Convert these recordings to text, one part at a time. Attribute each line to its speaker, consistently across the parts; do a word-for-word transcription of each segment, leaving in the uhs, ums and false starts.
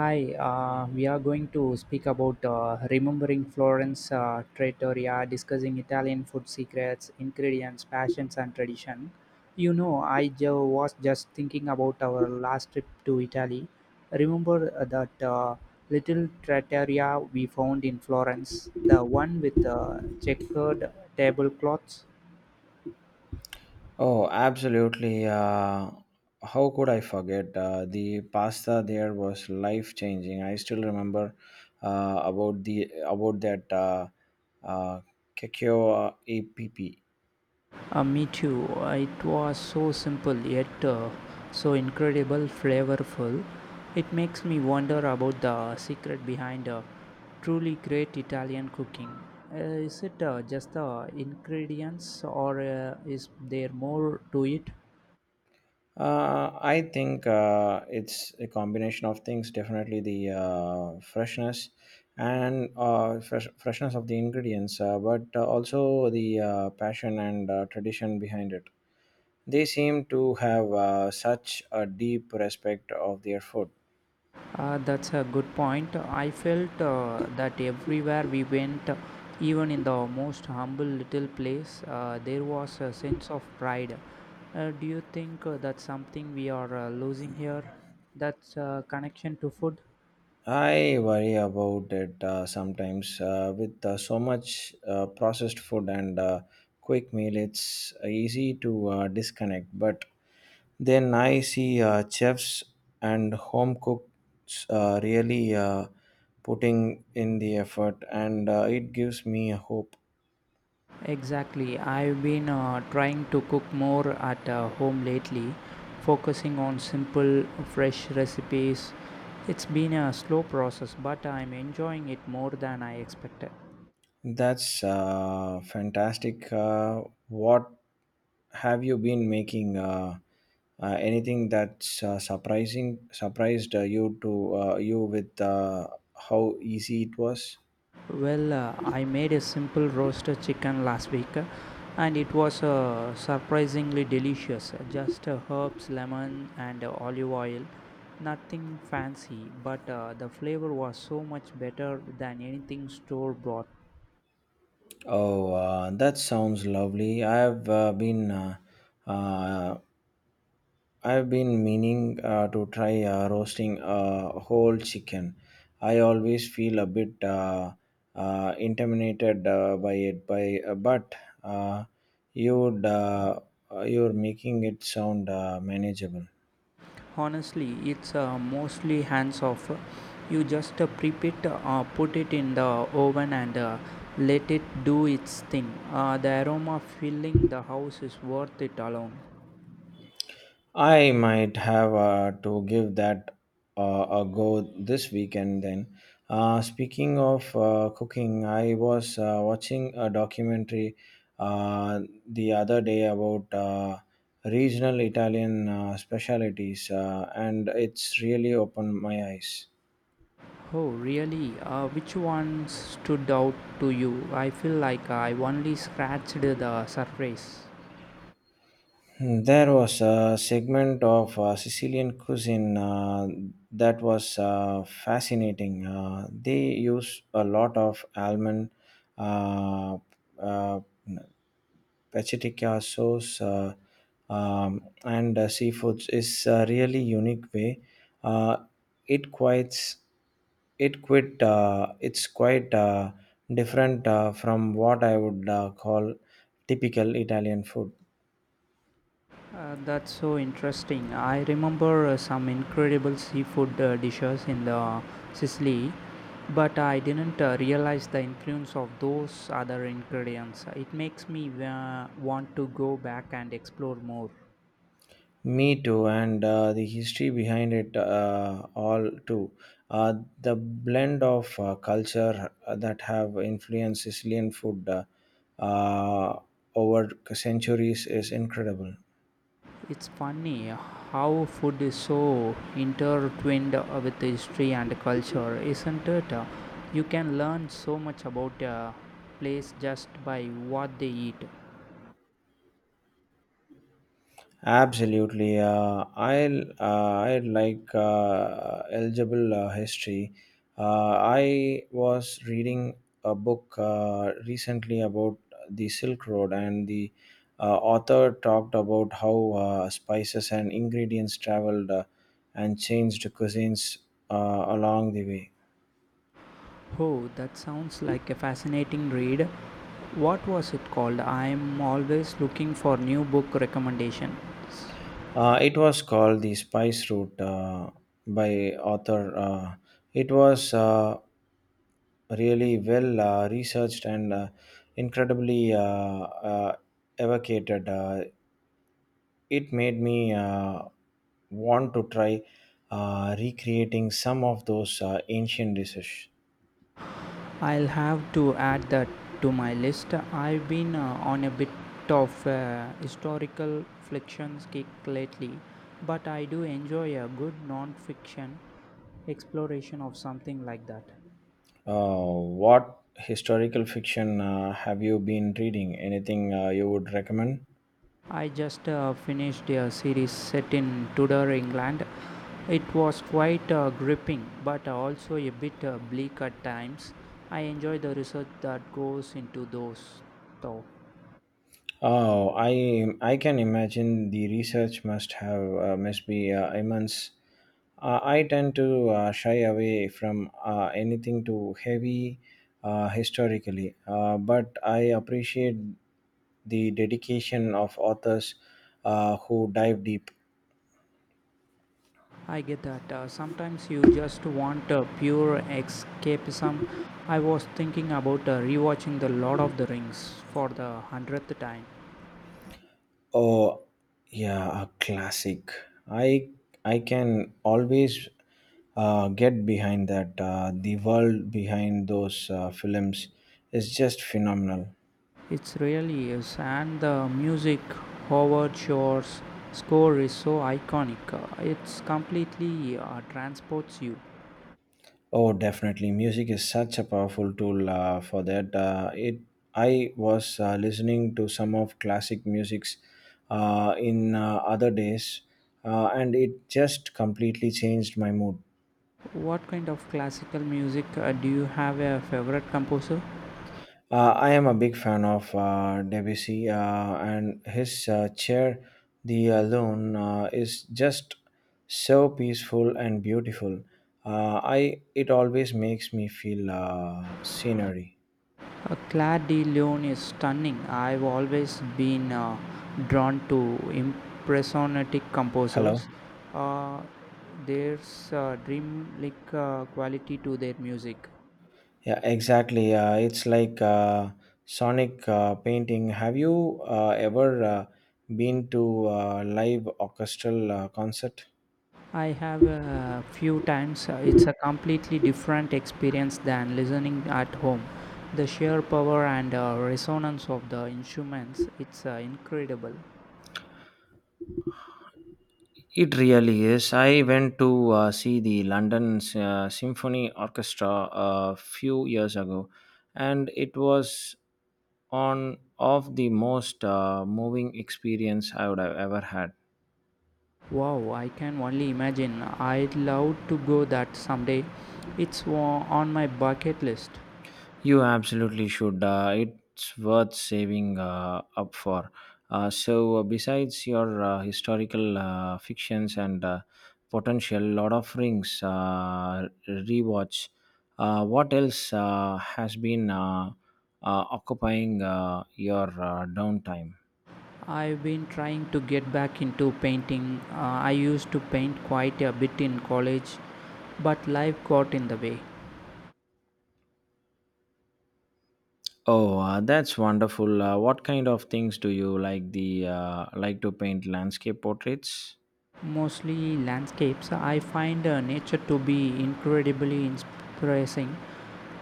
Speaker 1: Hi, uh, we are going to speak about uh, remembering Florence uh, Trattoria, discussing Italian food secrets, ingredients, passions, and tradition. You know, I ju- was just thinking about our last trip to Italy. Remember uh, that uh, little trattoria we found in Florence, the one with the checkered tablecloths?
Speaker 2: Oh, absolutely. Uh, how could I forget? Uh, the pasta there was life changing. I still remember uh, about the about that uh, uh, Kekyo APP.
Speaker 1: Uh, me too. Uh, It was so simple yet uh, so incredible flavorful. It makes me wonder about the secret behind uh, truly great Italian cooking. Uh, is it uh, just the ingredients, or uh, is there more to it?
Speaker 2: Uh, I think uh, it's a combination of things. Definitely the uh, freshness and uh, fresh, freshness of the ingredients, uh, but uh, also the uh, passion and uh, tradition behind it. They seem to have uh, such a deep respect of their food.
Speaker 1: Uh, that's a good point. I felt uh, that everywhere we went, even in the most humble little place, uh, there was a sense of pride. Uh, do you think uh, that's something we are uh, losing here? That's uh, connection to food?
Speaker 2: I worry about it uh, sometimes uh, with uh, so much uh, processed food and uh, quick meal. It's easy to uh, disconnect, but then I see uh, chefs and home cooks uh, really uh, putting in the effort, and uh, it gives me hope.
Speaker 1: Exactly. I've been uh, trying to cook more at uh, home lately, focusing on simple, fresh recipes. It's been a slow process, but I'm enjoying it more than I expected.
Speaker 2: That's uh, fantastic. Uh, what have you been making? Uh, uh, anything that's uh, surprising surprised uh, you to uh, you with uh, how easy it was?
Speaker 1: Well, uh, I made a simple roasted chicken last week uh, and it was uh, surprisingly delicious. Just uh, herbs, lemon, and uh, olive oil. Nothing fancy, but uh, the flavor was so much better than anything store bought.
Speaker 2: Oh, uh, that sounds lovely. I've uh, been uh, uh, I've been meaning uh, to try uh, roasting a whole chicken. I always feel a bit uh, uh, intimidated uh, by it, by uh, but uh, you'd uh, uh, you're making it sound uh, manageable.
Speaker 1: Honestly, it's uh, mostly hands off. You just uh, prep it, uh, put it in the oven, and uh, let it do its thing. Uh, the aroma filling the house is worth it alone.
Speaker 2: I might have uh, to give that uh, a go this weekend then. Uh, speaking of uh, cooking, I was uh, watching a documentary uh, the other day about uh, regional Italian uh, specialties, uh, and it's really opened my eyes.
Speaker 1: Oh, really? Uh, which one stood out to you? I feel like I only scratched the surface.
Speaker 2: There was a segment of uh, Sicilian cuisine uh, that was uh, fascinating. Uh, they use a lot of almond, uh, uh, pacitica sauce, uh, um, and uh, seafoods. is a really unique way. Uh, it quite it quite uh, it's quite uh, different uh, from what I would uh, call typical Italian food.
Speaker 1: Uh, that's so interesting. I remember uh, some incredible seafood uh, dishes in the Sicily, but I didn't uh, realize the influence of those other ingredients. It makes me uh, want to go back and explore more.
Speaker 2: Me too, and uh, the history behind it uh, all too. Uh, the blend of uh, culture that have influenced Sicilian food uh, uh, over centuries is incredible.
Speaker 1: It's funny how food is so intertwined with history and culture, isn't it? You can learn so much about a place just by what they eat.
Speaker 2: Absolutely. Uh, I'll, uh, I like uh, eligible uh, history. Uh, I was reading a book uh, recently about the Silk Road, and the uh, author talked about how uh, spices and ingredients traveled uh, and changed cuisines uh, along the way.
Speaker 1: Oh, that sounds like a fascinating read. What was it called? I'm always looking for new book recommendations.
Speaker 2: Uh, it was called The Spice Route uh, by author. Uh, it was uh, really well uh, researched and uh, incredibly uh, uh, evocated. Uh, it made me uh, want to try uh, recreating some of those uh, ancient dishes.
Speaker 1: I'll have to add that to my list. I've been uh, on a bit of a historical fiction kick lately, but I do enjoy a good non-fiction exploration of something like that.
Speaker 2: Uh, what historical fiction uh, have you been reading? Anything uh, you would recommend?
Speaker 1: I just uh, finished a series set in Tudor England. It was quite uh, gripping, but also a bit uh, bleak at times. I enjoy the research that goes into those, though.
Speaker 2: Oh, I I can imagine the research must have uh, must be uh, immense. Uh, I tend to uh, shy away from uh, anything too heavy uh, historically, uh, but I appreciate the dedication of authors uh, who dive deep.
Speaker 1: I get that. Uh, sometimes you just want uh, pure escapism. I was thinking about uh, rewatching The Lord of the Rings for the hundredth time.
Speaker 2: Oh, yeah, a classic. I I can always uh, get behind that. Uh, the world behind those uh, films is just phenomenal.
Speaker 1: It really is, and the music, Howard Shore's score is so iconic. Uh, it's completely uh, transports you.
Speaker 2: Oh, definitely, music is such a powerful tool uh, for that. Uh, it I was uh, listening to some of classic musics uh, in uh, other days, uh, and it just completely changed my mood.
Speaker 1: What kind of classical music, uh, do you have a favorite composer?
Speaker 2: Uh, I am a big fan of uh, Debussy, uh, and his uh, chair, The Alone, uh, is just so peaceful and beautiful. Uh, I It always makes me feel uh, scenery.
Speaker 1: Uh, Claire de Lune is stunning. I've always been uh, drawn to impressionistic composers.
Speaker 2: Hello.
Speaker 1: Uh, there's a dreamlike uh, quality to their music.
Speaker 2: Yeah, exactly. Uh, it's like uh, sonic uh, painting. Have you uh, ever uh, been to a live orchestral uh, concert?
Speaker 1: I have a few times. uh, It's a completely different experience than listening at home. The sheer power and uh, resonance of the instruments, it's uh, incredible.
Speaker 2: It really is. I went to uh, see the London uh, Symphony Orchestra a few years ago, and it was on of the most uh, moving experience I would have ever had.
Speaker 1: Wow, I can only imagine. I'd love to go that someday. It's wa- on my bucket list.
Speaker 2: You absolutely should. Uh, it's worth saving uh, up for. Uh, so, uh, besides your uh, historical uh, fictions and uh, potential Lord of Rings uh, rewatch, uh, what else uh, has been uh, uh, occupying uh, your uh, downtime?
Speaker 1: I've been trying to get back into painting. Uh, I used to paint quite a bit in college, but life got in the way.
Speaker 2: Oh, uh, that's wonderful. Uh, what kind of things do you like? The uh, like to paint landscape portraits?
Speaker 1: Mostly landscapes. I find uh, nature to be incredibly inspiring.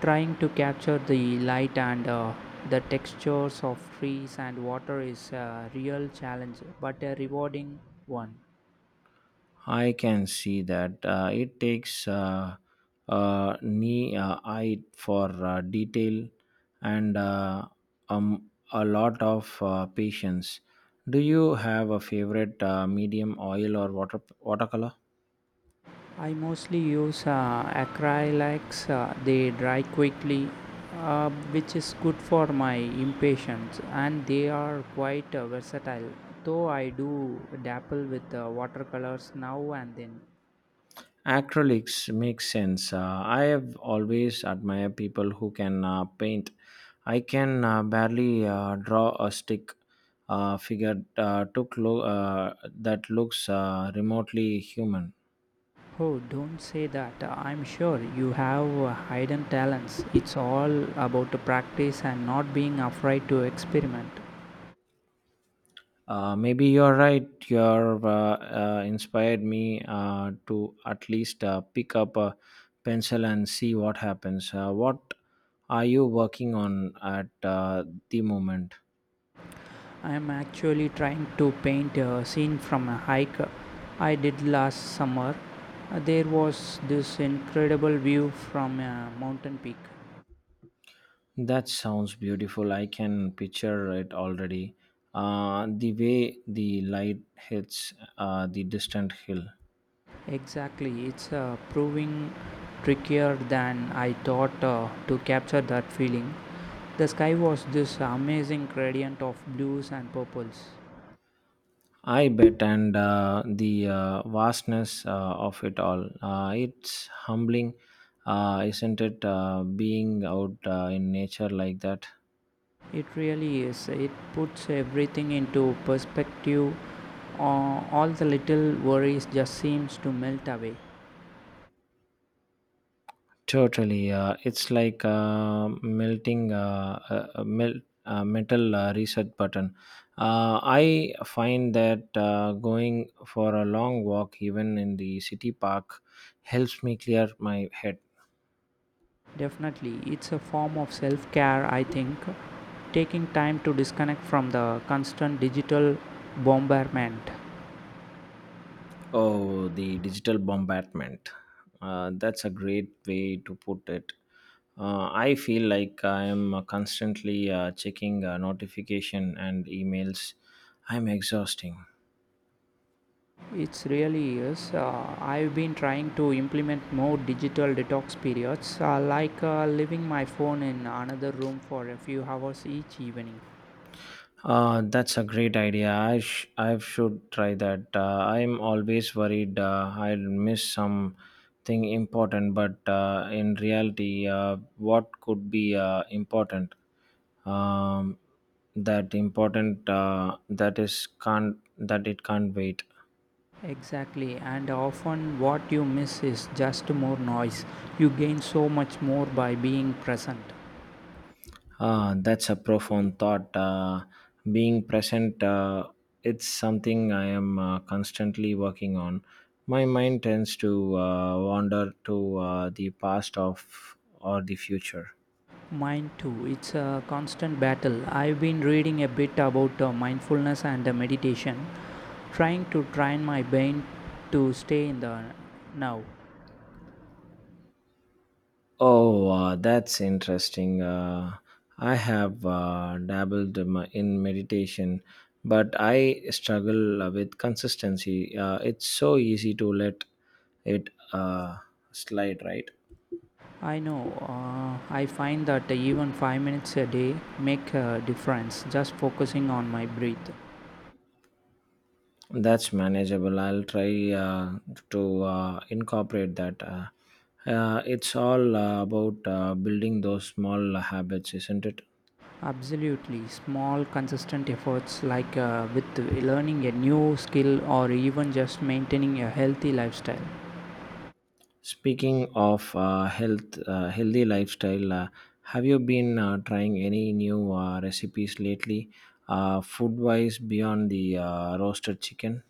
Speaker 1: Trying to capture the light and uh, the textures of trees and water is a real challenge, but a rewarding one.
Speaker 2: I can see that uh, it takes uh, uh, knee uh, eye for uh, detail and uh, um, a lot of uh, patience. Do you have a favorite uh, medium oil or water watercolor?
Speaker 1: I mostly use uh, acrylics, uh, they dry quickly, uh, which is good for my impatience, and they are quite uh, versatile. Though I do dabble with uh, watercolors now and then.
Speaker 2: Acrylics makes sense. Uh, I have always admired people who can uh, paint. I can uh, barely uh, draw a stick uh, figure uh, took lo- uh, that looks uh, remotely human.
Speaker 1: Oh, don't say that. I'm sure you have uh, hidden talents. It's all about practice and not being afraid to experiment.
Speaker 2: Uh, maybe you're right. You're uh, uh, inspired me uh, to at least uh, pick up a pencil and see what happens. Uh, what are you working on at uh, the moment?
Speaker 1: I am actually trying to paint a scene from a hike I did last summer. Uh, There was this incredible view from a mountain peak.
Speaker 2: That sounds beautiful. I can picture it already. Uh, the way the light hits uh, the distant hill.
Speaker 1: Exactly, it's uh, proving trickier than I thought uh, to capture that feeling. The sky was this amazing gradient of blues and purples.
Speaker 2: I bet, and uh, the uh, vastness uh, of it all. Uh, it's humbling, uh, isn't it? Uh, being out uh, in nature like that.
Speaker 1: It really is. It puts everything into perspective. Uh, all the little worries just seems to melt away.
Speaker 2: Totally. Uh, it's like uh, melting uh, a, a mel- a metal uh, reset button. Uh, I find that uh, going for a long walk, even in the city park, helps me clear my head.
Speaker 1: Definitely, it's a form of self care, I think. Taking time to disconnect from the constant digital bombardment.
Speaker 2: Oh, the digital bombardment. Uh, that's a great way to put it. Uh, I feel like I am uh, constantly uh, checking uh, notification and emails. I'm exhausting.
Speaker 1: It's really is. Uh, I've been trying to implement more digital detox periods, uh, like uh, leaving my phone in another room for a few hours each evening.
Speaker 2: Uh, that's a great idea. I, sh- I should try that. Uh, I'm always worried uh, I'll miss something important, but uh, in reality, uh, what could be uh, important? Um, that important uh, that is can't that it can't wait.
Speaker 1: Exactly, and often what you miss is just more noise. You gain so much more by being present.
Speaker 2: Ah, that's a profound thought. Uh, being present, uh, it's something I am uh, constantly working on. My mind tends to uh, wander to uh, the past of or the future.
Speaker 1: Mine too. It's a constant battle. I've been reading a bit about uh, mindfulness and uh, meditation, trying to train my brain to stay in the now.
Speaker 2: Oh, uh, that's interesting. Uh, I have uh, dabbled in my- in meditation, but I struggle uh, with consistency. Uh, it's so easy to let it uh, slide, right?
Speaker 1: I know. Uh, I find that even five minutes a day make a difference. Just focusing on my breath.
Speaker 2: That's manageable. I'll try uh, to uh, incorporate that. Uh, uh, it's all uh, about uh, building those small habits, isn't it?
Speaker 1: Absolutely. Small, consistent efforts, like uh, with learning a new skill or even just maintaining a healthy lifestyle.
Speaker 2: Speaking of uh, health, uh, healthy lifestyle, uh, have you been uh, trying any new uh, recipes lately, uh, food-wise beyond the uh, roasted chicken?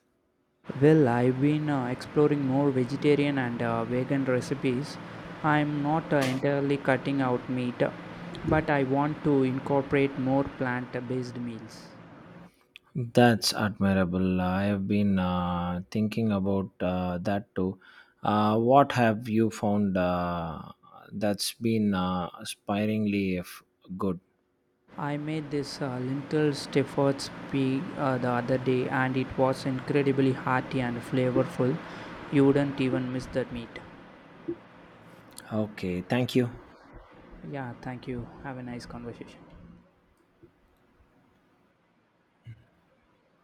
Speaker 1: Well, I've been uh, exploring more vegetarian and uh, vegan recipes. I'm not uh, entirely cutting out meat, but I want to incorporate more plant based meals.
Speaker 2: That's admirable. I have been uh, thinking about uh, that too. Uh, what have you found uh, that's been uh, aspiringly f- good?
Speaker 1: I made this uh, lentil Stefford's pea uh, the other day, and it was incredibly hearty and flavorful. You wouldn't even miss that meat.
Speaker 2: Okay, thank you.
Speaker 1: Yeah, thank you. Have a nice conversation.